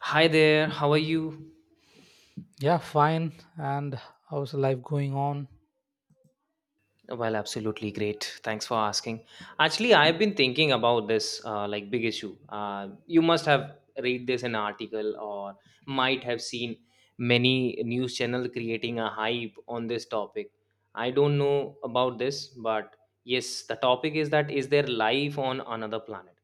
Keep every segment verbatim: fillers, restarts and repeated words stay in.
Hi there, how are you? Yeah, fine. And how's life going on? Well, absolutely great. Thanks for asking. Actually, I've been thinking about this uh, like big issue. Uh, you must have read this in an article or might have seen many news channel creating a hype on this topic. I don't know about this, but yes, the topic is that is there life on another planet?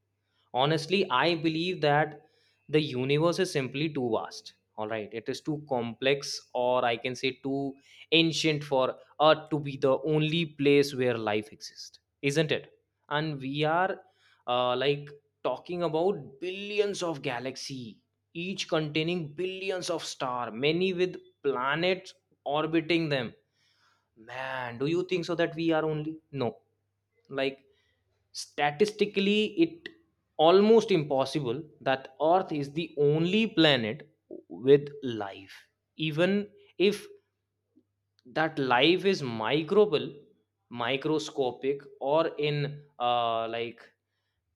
Honestly, I believe that the universe is simply too vast. All right, it is too complex, or I can say too ancient for Earth to be the only place where life exists, isn't it? And we are uh, like talking about billions of galaxy, each containing billions of star, many with planets orbiting them. Man, do you think so that we are only? No, like statistically it almost impossible that earth is the only planet with life even if that life is microbial microscopic or in uh, like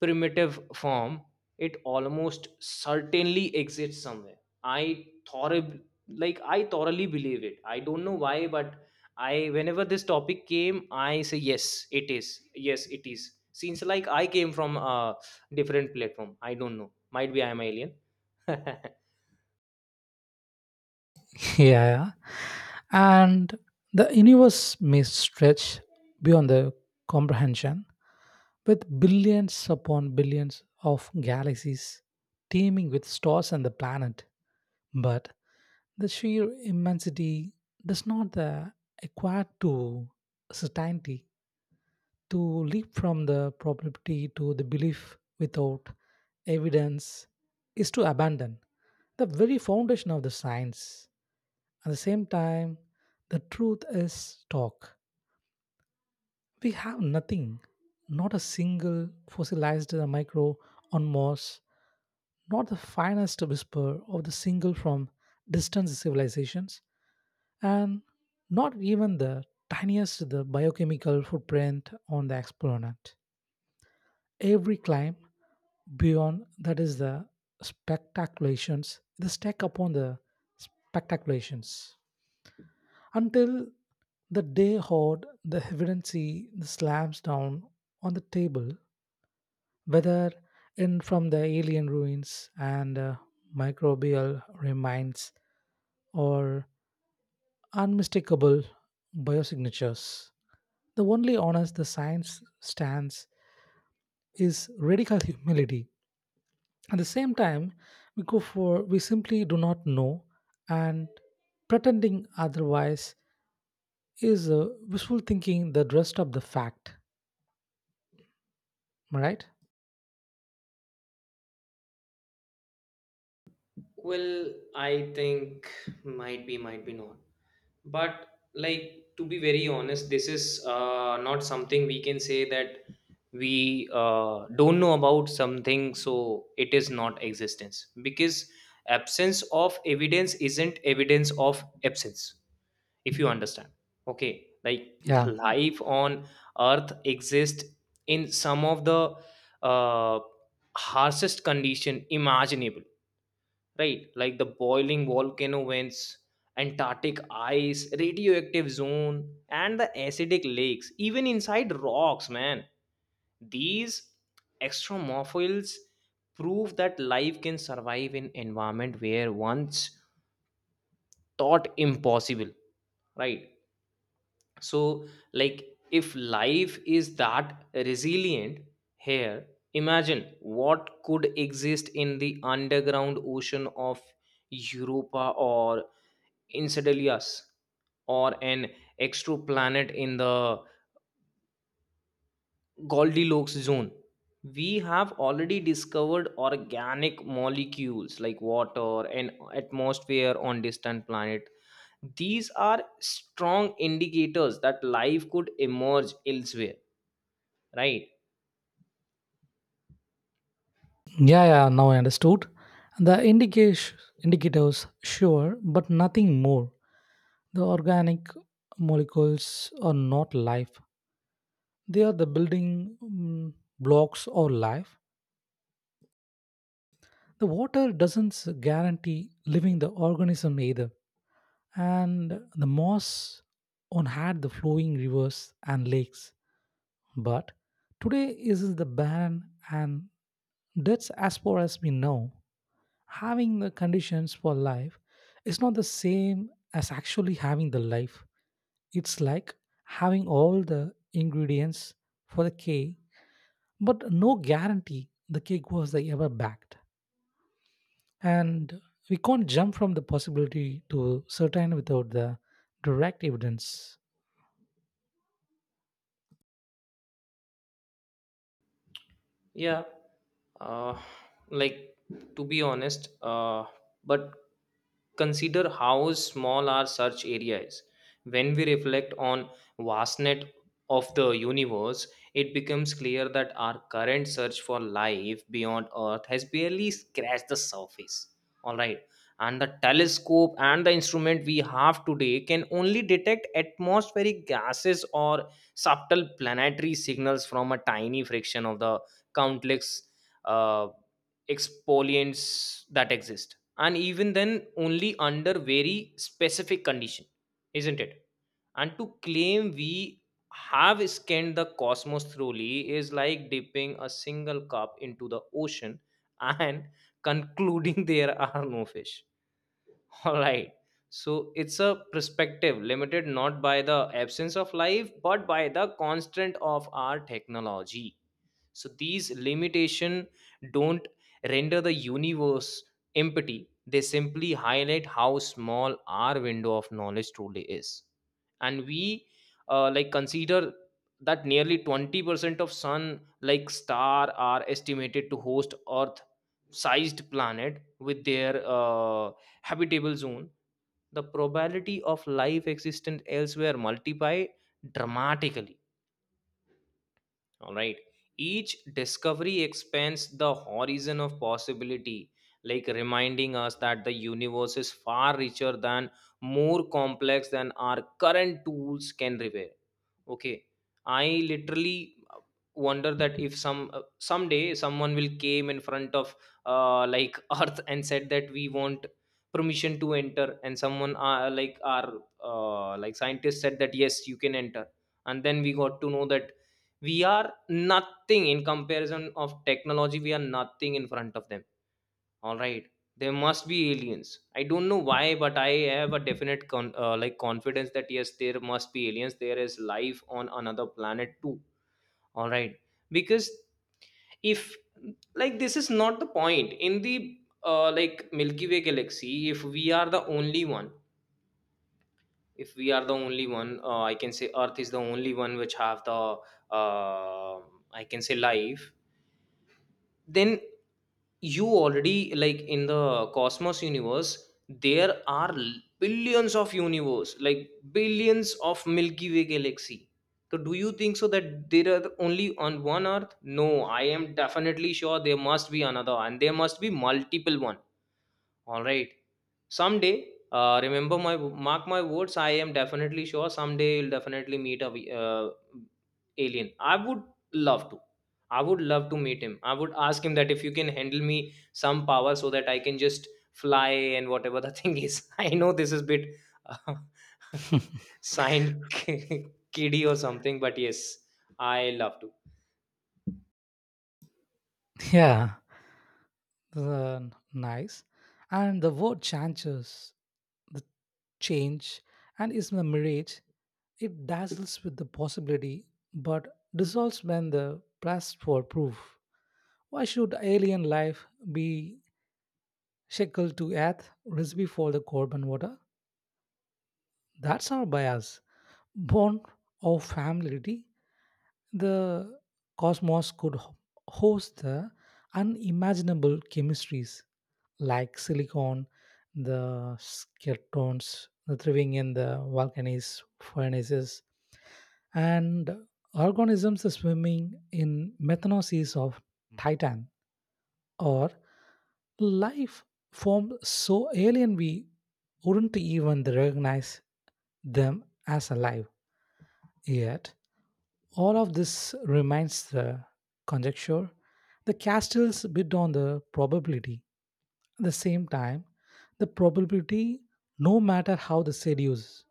primitive form, it almost certainly exists somewhere. I thoroughly like I thoroughly believe it. I don't know why, but I whenever this topic came, I say yes, it is. Yes, it is. Since like I came from a different platform, I don't know. Might be I am alien. yeah. And the universe may stretch beyond the comprehension with billions upon billions of galaxies teeming with stars and the planet. But the sheer immensity does not uh, equate to certainty. To leap from the probability to the belief without evidence is to abandon the very foundation of the science. At the same time, the truth is stock. We have nothing, not a single fossilized micro on Mars, not the finest whisper of the single from distant civilizations, and not even the tiniest the biochemical footprint on the exponent. Every climb beyond that is the spectaculations, the stack upon the spectaculations until the day hoard the evidency slams down on the table, whether in from the alien ruins and uh, microbial remains or unmistakable biosignatures. The only honors the science stands is radical humility. At the same time, we go for we simply do not know, and pretending otherwise is uh, wishful thinking that dressed up the fact. Am I right? Well, I think might be, might be not. But like to be very honest this is uh, not something we can say that we uh, don't know about something, so it is not existence, because absence of evidence isn't evidence of absence, if you understand. Okay, like Yeah, the life on earth exists in some of the uh, harshest condition imaginable, right? Like the boiling volcano vents, antarctic ice, radioactive zone, and the acidic lakes, even inside rocks, man. These extremophiles prove that life can survive in environment where once thought impossible, right? So like if life is that resilient here, imagine what could exist in the underground ocean of Europa or Enceladus, or an exoplanet in the Goldilocks zone. We have already discovered organic molecules like water and atmosphere on distant planet. These are strong indicators that life could emerge elsewhere, right? yeah, yeah. Now I understood. The indication indicators, sure, but nothing more. The organic molecules are not life. They are the building mm, blocks or life. The water doesn't guarantee living the organism either. And the moss on had the flowing rivers and lakes. But today is the barren and that's as far as we know. Having the conditions for life is not the same as actually having the life. It's like having all the ingredients for the cake, but no guarantee the cake was the ever backed. And we can't jump from the possibility to certain without the direct evidence. Yeah, uh, like to be honest, uh, but consider how small our search area is. When we reflect on vastness of the universe, it becomes clear that our current search for life beyond Earth has barely scratched the surface. All right, and the telescope and the instrument we have today can only detect atmospheric gases or subtle planetary signals from a tiny fraction of the countless uh, exfoliants that exist, and even then only under very specific condition, isn't it? And to claim we have scanned the cosmos thoroughly is like dipping a single cup into the ocean and concluding there are no fish, all right. So it's a perspective limited not by the absence of life but by the constant of our technology. So these limitation don't render the universe empty, they simply highlight how small our window of knowledge truly is. And we uh, like consider that nearly twenty percent of sun like star are estimated to host earth sized planet with their uh, habitable zone, the probability of life existent elsewhere multiply dramatically, all right. Each discovery expands the horizon of possibility, like reminding us that the universe is far richer than more complex than our current tools can reveal. Okay, I literally uh, wonder that if some uh, someday someone will came in front of uh, like earth and said that we want permission to enter, and someone uh, like our uh, like scientists said that yes you can enter, and then we got to know that we are nothing in comparison of technology, we are nothing in front of them, all right. There must be aliens. I don't know why, but I have a definite con- uh, like confidence that yes, there must be aliens. There is life on another planet too. All right. Because if like this is not the point in the uh, like Milky Way galaxy, if we are the only one, if we are the only one, uh, I can say Earth is the only one which have the uh, I can say life, then you already like in the cosmos universe there are l- billions of universe like billions of milky way galaxy. So do you think so that there are only on one earth? No, I am definitely sure there must be another and there must be multiple one, all right. Someday, uh, remember my mark my words. I am definitely sure someday you'll definitely meet a v- uh, alien. I would love to. I would love to meet him. I would ask him that if you can handle me some power so that I can just fly and whatever the thing is. I know this is bit uh, signed kiddie or something, but yes, I love to. Yeah, the nice and the word changes the change and is a mirage. It dazzles with the possibility, but dissolves when the pressed for proof. Why should alien life be shackled to earth recipe for the carbon water? That's our bias, born of familiarity. The cosmos could ho- host the unimaginable chemistries, like silicon, the skeletons, the thriving in the volcanoes, furnaces, and organisms swimming in methanol seas of Titan, or life formed so alien we wouldn't even recognize them as alive. Yet, all of this remains the conjecture. The castles bid on the probability. At the same time, the probability, no matter how the seduce,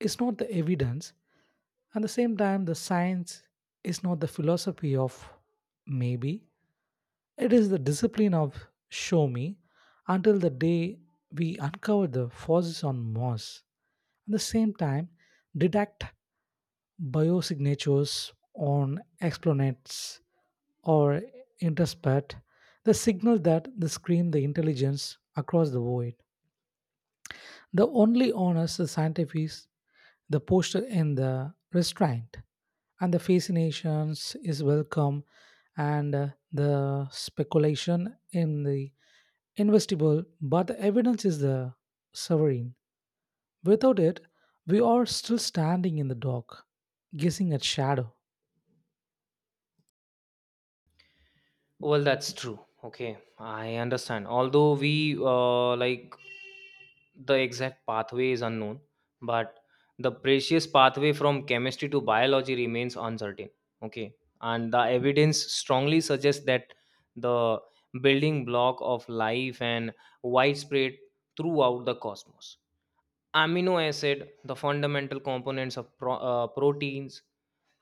is not the evidence. At the same time, the science is not the philosophy of maybe. It is the discipline of show me until the day we uncover the forces on Mars. At the same time, detect biosignatures on exoplanets or intercept the signal that they scream the intelligence across the void. The only honest the scientific is the posture in the restraint, and the fascinations is welcome, and uh, the speculation in the investable, but the evidence is the sovereign. Without it, we are still standing in the dark, guessing at shadow. Well, that's true. Okay, I understand. Although we uh, like the exact pathway is unknown, but the precious pathway from chemistry to biology remains uncertain. Okay, and the evidence strongly suggests that the building block of life and widespread throughout the cosmos. Amino acid the fundamental components of pro- uh, proteins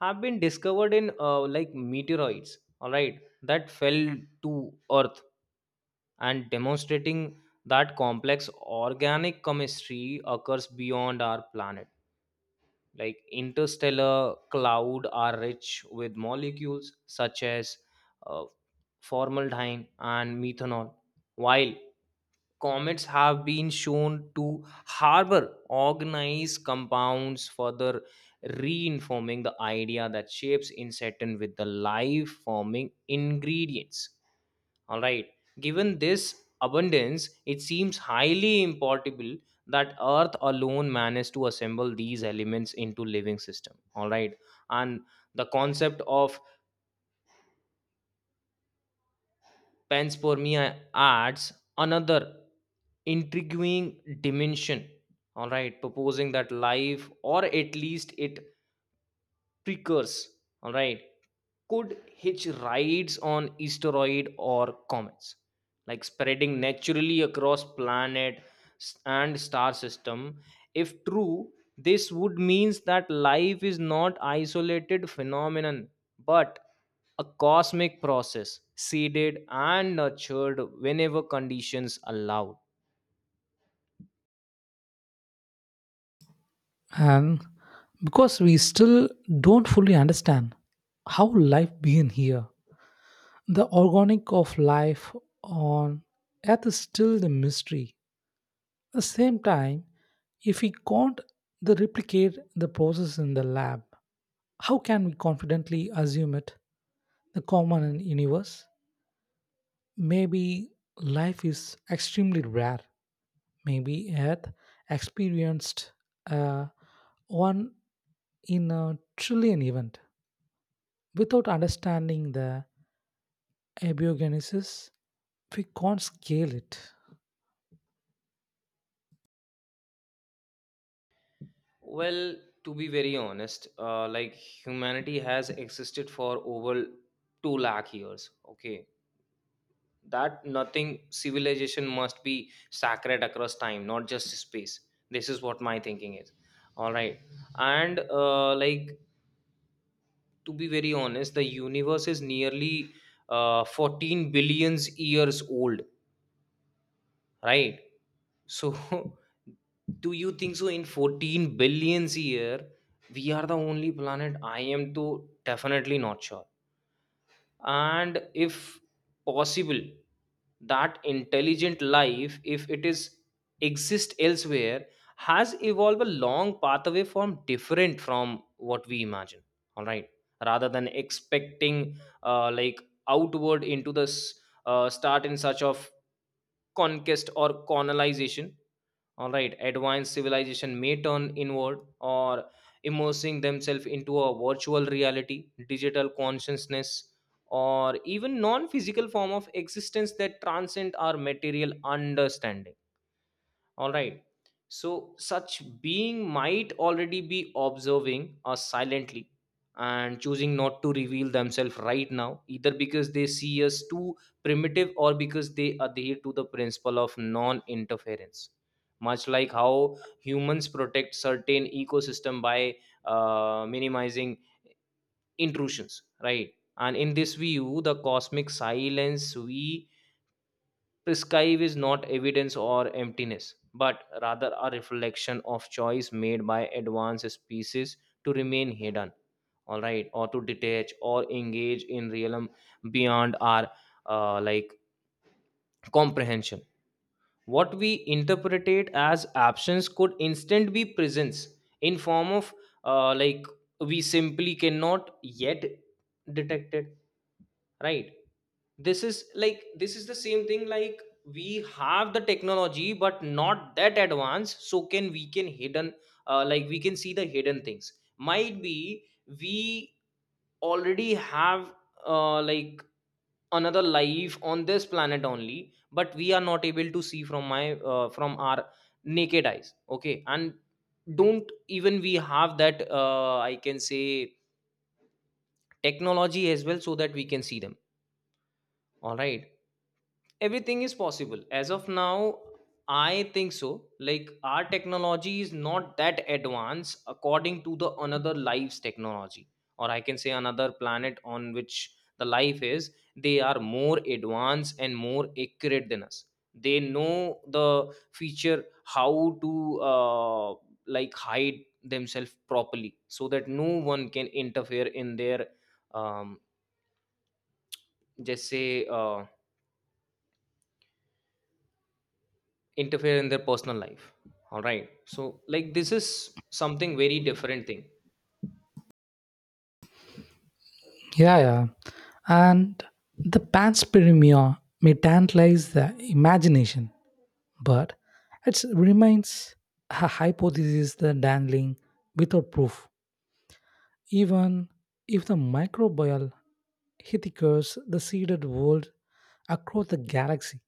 have been discovered in uh, like meteoroids, all right, that fell to earth and demonstrating that complex organic chemistry occurs beyond our planet. Like interstellar cloud are rich with molecules such as uh, formaldehyde and methanol, while comets have been shown to harbor organized compounds, further reinforming the idea that shapes in Saturn with the life forming ingredients, all right. Given this abundance it seems highly impossible that earth alone managed to assemble these elements into living system, all right. And the concept of Pens for me are adds another intriguing dimension. All right, proposing that life, or at least it Precursors, all right, could hitch rides on asteroid or comets, like spreading naturally across planet s- and star system. If true this would means that life is not isolated phenomenon, but a cosmic process, seeded and nurtured whenever conditions allowed. And because we still don't fully understand how life began here, the organic of life on earth is still the mystery. At the same time, if we can't the replicate the process in the lab, how can we confidently assume it the common in universe? Maybe life is extremely rare. Maybe earth experienced uh, one in a trillion event. Without understanding the abiogenesis, we can't scale it. Well, to be very honest, uh, like humanity has existed for over two lakh years. Okay, that nothing civilization must be sacred across time, not just space. This is what my thinking is. All right, and uh, like to be very honest, the universe is nearly uh, fourteen billions years old, right? So, do you think so? In fourteen billions a year, we are the only planet. I am too definitely not sure. And if possible, that intelligent life, if it is exist elsewhere, has evolved a long pathway from different from what we imagine. All right, rather than expecting uh, like outward into the s- uh, start in search of conquest or colonization, all right, advanced civilization may turn inward or immersing themselves into a virtual reality, digital consciousness, or even non physical form of existence that transcend our material understanding. All right. So, such being might already be observing us silently and choosing not to reveal themselves right now, either because they see us too primitive or because they adhere to the principle of non interference. Much like how humans protect certain ecosystem by uh, minimizing intrusions, right? And in this view, the cosmic silence we prescribe is not evidence or emptiness, but rather a reflection of choice made by advanced species to remain hidden, all right, or to detach or engage in realm beyond our uh, like comprehension. What we interpretate as absence could instant be presence in form of uh, like we simply cannot yet detect it, right? This is like this is the same thing like we have the technology but not that advanced, so can we can hidden, uh, like we can see the hidden things, might be we already have uh, like another life on this planet only, but we are not able to see from my uh, from our naked eyes. Okay, and don't even we have that uh, I can say technology as well so that we can see them, all right. Everything is possible as of now, I think so. Like our technology is not that advanced according to the another life's technology, or I can say another planet on which the life is, they are more advanced and more accurate than us. They know the feature how to uh, like hide themselves properly so that no one can interfere in their um, just say uh, interfere in their personal life, all right. So like this is something very different thing. Yeah, yeah. And the panspermia may tantalize the imagination, but it remains a hypothesis that dangling without proof. Even if the microbial hithicures the seeded world across the galaxy,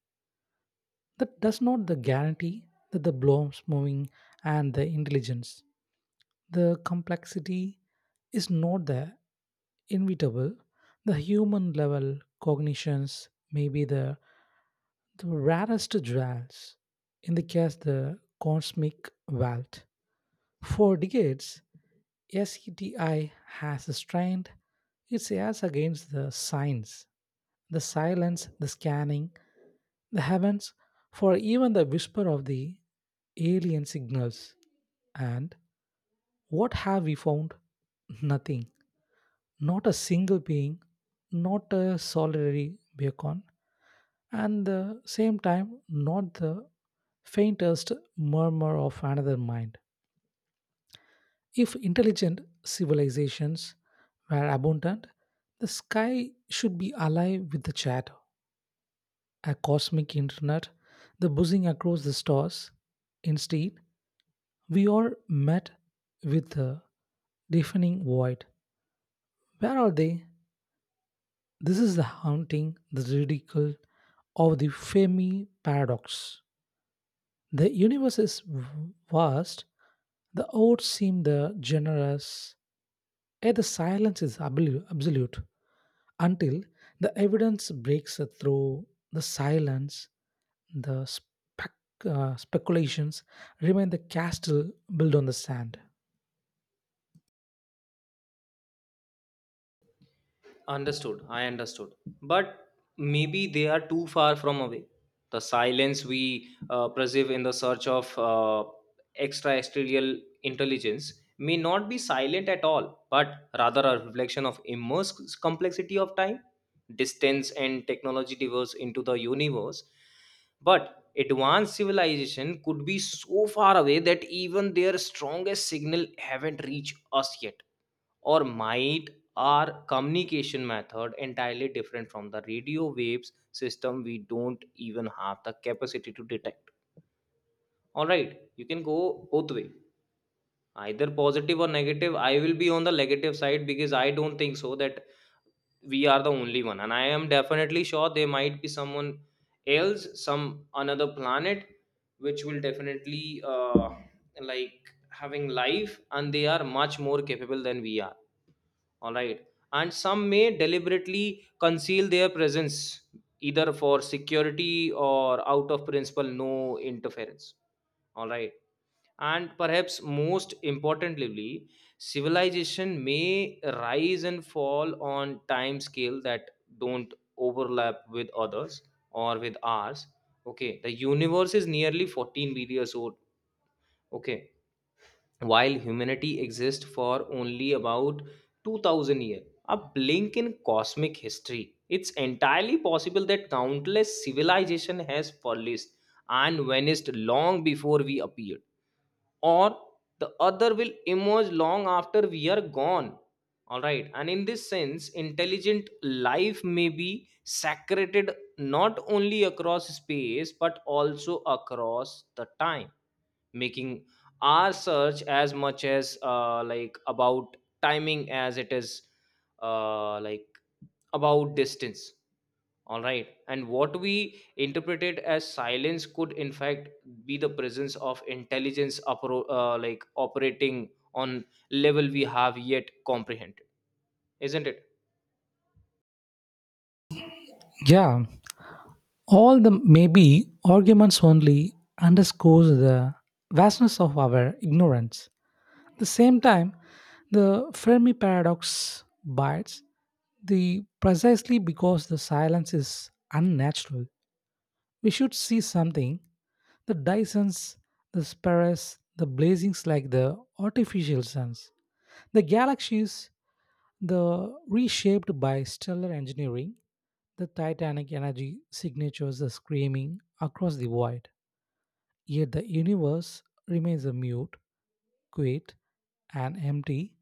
that does not the guarantee that the blobs moving and the intelligence. The complexity is not there, inevitable. The human level cognitions may be the, the rarest jewels. In the case, the cosmic wealth. For decades, SETI has strained its ears against the signs, the silence, the scanning, the heavens, for even the whisper of the alien signals. And what have we found? Nothing. Not a single being, not a solitary beacon, and the same time not the faintest murmur of another mind. If intelligent civilizations were abundant, the sky should be alive with the chatter, a cosmic internet, the buzzing across the stars. Instead, we are met with a deafening void. Where are they? This is the haunting, the ridicule of the Fermi paradox. The universe is v- vast, the odds seem the generous, yet the silence is ablu- absolute until the evidence breaks through the silence, the spec- uh, speculations remain the castle built on the sand. Understood. I understood. But maybe they are too far from away. The silence we uh, perceive in the search of uh, extraterrestrial intelligence may not be silent at all, but rather a reflection of immense complexity of time, distance, and technology diverse into the universe. But advanced civilization could be so far away that even their strongest signal haven't reached us yet or might are communication method entirely different from the radio waves system we don't even have the capacity to detect. All right, you can go both way, either positive or negative. I will be on the negative side because I don't think so that we are the only one, and I am definitely sure there might be someone else, some another planet which will definitely uh, like having life, and they are much more capable than we are. All right. And some may deliberately conceal their presence, either for security or out of principle, no interference. All right. And perhaps most importantly, civilization may rise and fall on time scale that don't overlap with others or with ours. Okay, the universe is nearly fourteen billion years old. Okay, while humanity exists for only about two thousand years, a blink in cosmic history. It's entirely possible that countless civilization has flourished and vanished long before we appeared, or the other will emerge long after we are gone. All right, and in this sense intelligent life may be sacred, not only across space but also across the time, making our search as much as uh, like about timing as it is uh, like about distance. All right, and what we interpreted as silence could in fact be the presence of intelligence appro- uh, like operating on level we have yet comprehended, isn't it? Yeah, all the maybe arguments only underscores the vastness of our ignorance. At the same time, the Fermi paradox bites the precisely because the silence is unnatural. We should see something the Dysons, the Sparrows, the blazings like the artificial suns, the galaxies, the reshaped by stellar engineering, the titanic energy signatures are screaming across the void. Yet the universe remains a mute, quiet, and empty.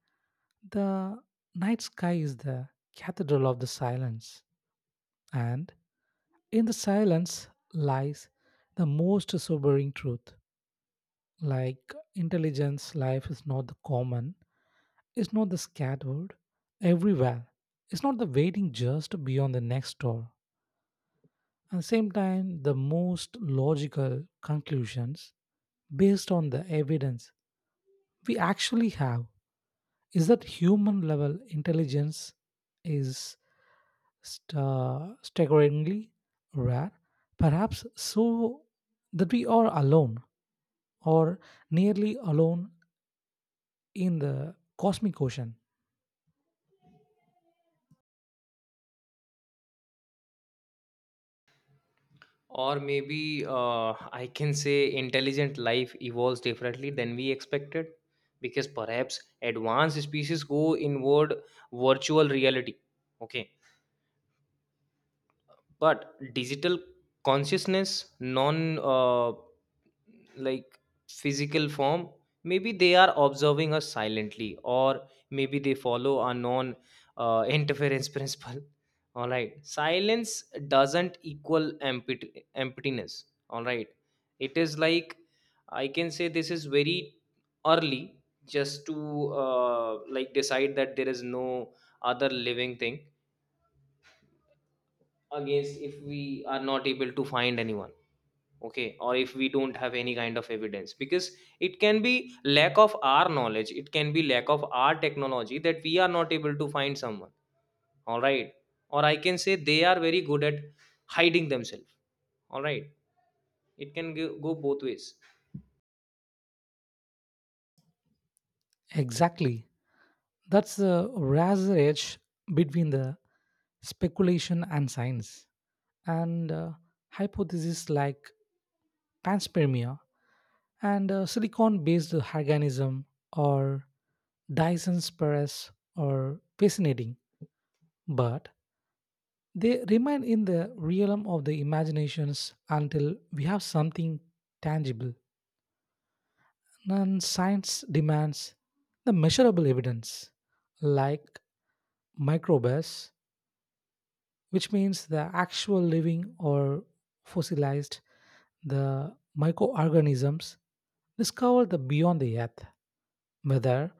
The night sky is the cathedral of the silence, and in the silence lies the most sobering truth. Like intelligence, life is not the common, it's not the scattered everywhere, it's not the waiting just beyond the next door. At the same time, the most logical conclusions based on the evidence we actually have is that human level intelligence is sta staggeringly rare, perhaps so that we are alone or nearly alone in the cosmic ocean. Or maybe uh, I can say intelligent life evolves differently than we expected, because perhaps advanced species go inward, virtual reality. Okay. But digital consciousness, non uh, like physical form, maybe they are observing us silently, or maybe they follow a non uh, interference principle. All right, silence doesn't equal empty, emptiness. All right, it is like, I can say this is very early just to uh, like decide that there is no other living thing against, if we are not able to find anyone. Okay, or if we don't have any kind of evidence, because it can be lack of our knowledge, it can be lack of our technology that we are not able to find someone. All right, or I can say they are very good at hiding themselves. All right, it can go, go both ways. Exactly. That's the razor edge between the speculation and science. And uh, hypotheses like panspermia and uh, silicon based organism or Dyson's Paris are fascinating, but they remain in the realm of the imaginations until we have something tangible. And science demands the measurable evidence, like microbes, which means the actual living or fossilized, the microorganisms discovered the beyond the earth, whether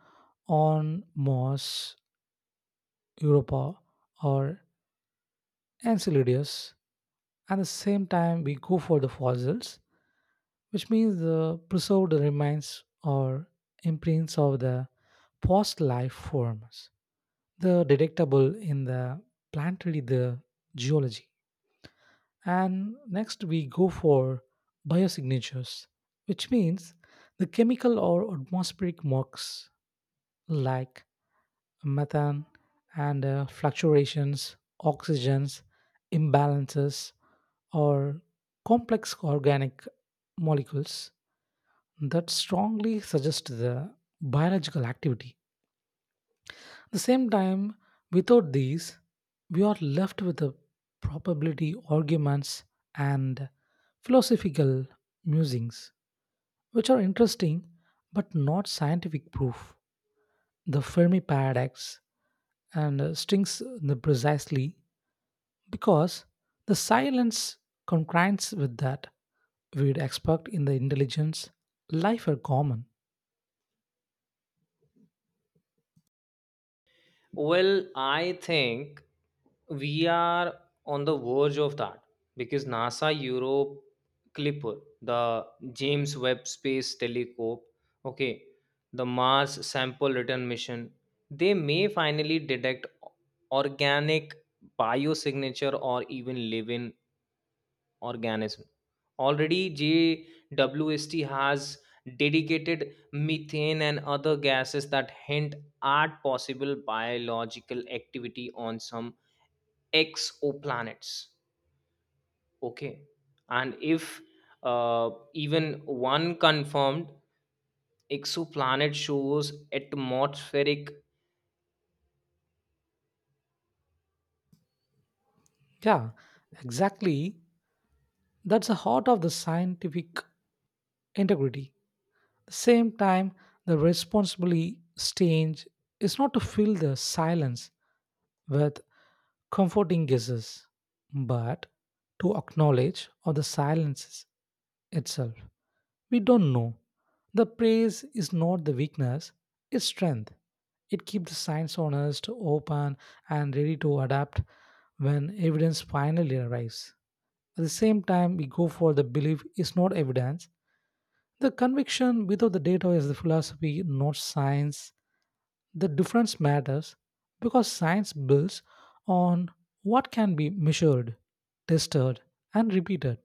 on Mars, Europa, or Enceladus. At the same time, we go for the fossils, which means the preserved remains or imprints of the past life forms. The detectable in the planetary the geology. And next we go for biosignatures, which means the chemical or atmospheric marks like methane and uh, fluctuations, oxygens, imbalances, or complex organic molecules that strongly suggest the biological activity. At the same time, without these, we are left with the probability arguments and philosophical musings, which are interesting but not scientific proof. The Fermi paradox and uh, strings the precisely because the silence concurrence with that we'd expect in the intelligence life are common. Well, I think we are on the verge of that because NASA Europe Clipper, the James Webb Space Telescope, okay, the Mars Sample Return Mission, they may finally detect organic biosignature or even living organism. Already, J W S T has dedicated methane and other gases that hint at possible biological activity on some exoplanets. Okay, and if uh, even one confirmed exoplanet shows atmospheric. Yeah, exactly. That's the heart of the scientific integrity. At the same time, the responsibility stage is not to fill the silence with comforting guesses, but to acknowledge of the silences itself. We don't know. The praise is not the weakness, it's strength. It keeps the science honest, open, and ready to adapt when evidence finally arrives. At the same time, we go for the belief is not evidence. The conviction without the data is the philosophy, not science. The difference matters because science builds on what can be measured, tested, and repeated.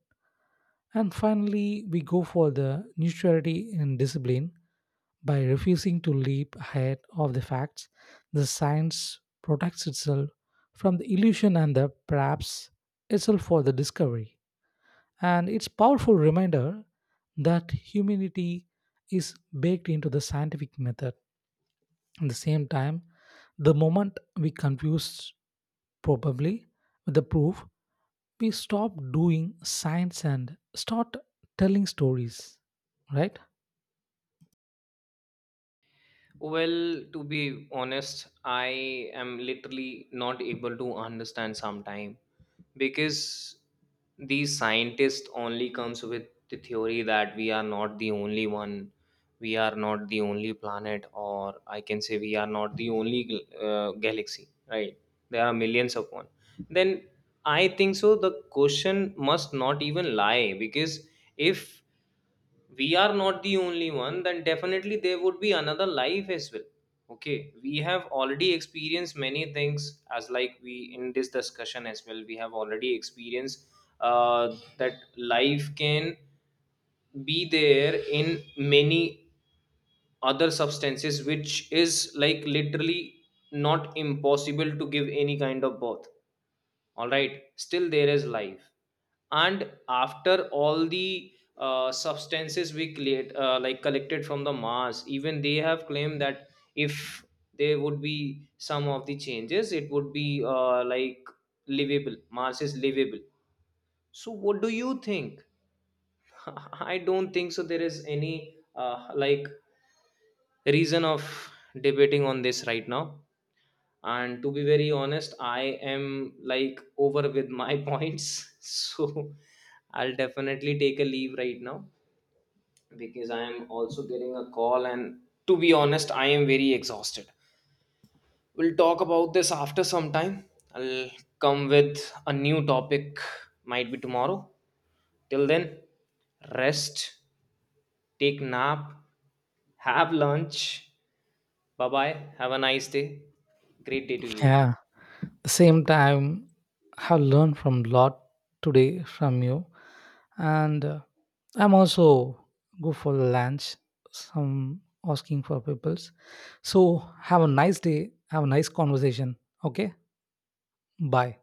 And finally, we go for the neutrality in discipline by refusing to leap ahead of the facts. The science protects itself from the illusion and the perhaps itself for the discovery, and it's powerful reminder that humanity is baked into the scientific method. At the same time, the moment we confuse probably with the proof, we stop doing science and start telling stories, right? Well, to be honest, I am literally not able to understand sometime, because these scientists only comes with the theory that we are not the only one, we are not the only planet, or I can say we are not the only uh, galaxy. Right? There are millions of one. Then I think so. The question must not even lie because if we are not the only one, then definitely there would be another life as well. Okay, we have already experienced many things, as like we in this discussion as well we have already experienced uh, that life can be there in many other substances, which is like literally not impossible to give any kind of birth. All right, still there is life. And after all the uh, substances we create uh, like collected from the Mars, even they have claimed that if there would be some of the changes, it would be uh, like livable. Mars is livable. So what do you think? I don't think so there is any uh, like reason of debating on this right now. And to be very honest, I am like over with my points, so I'll definitely take a leave right now because I am also getting a call, and to be honest, I am very exhausted. We'll talk about this after some time. I'll come with a new topic, might be tomorrow. Till then, rest, take nap, have lunch. Bye bye, have a nice day. Great day to you. Yeah, the same time have learned from lot today from you, and uh, I'm also go for lunch, some asking for peoples. So have a nice day, have a nice conversation. Okay, bye.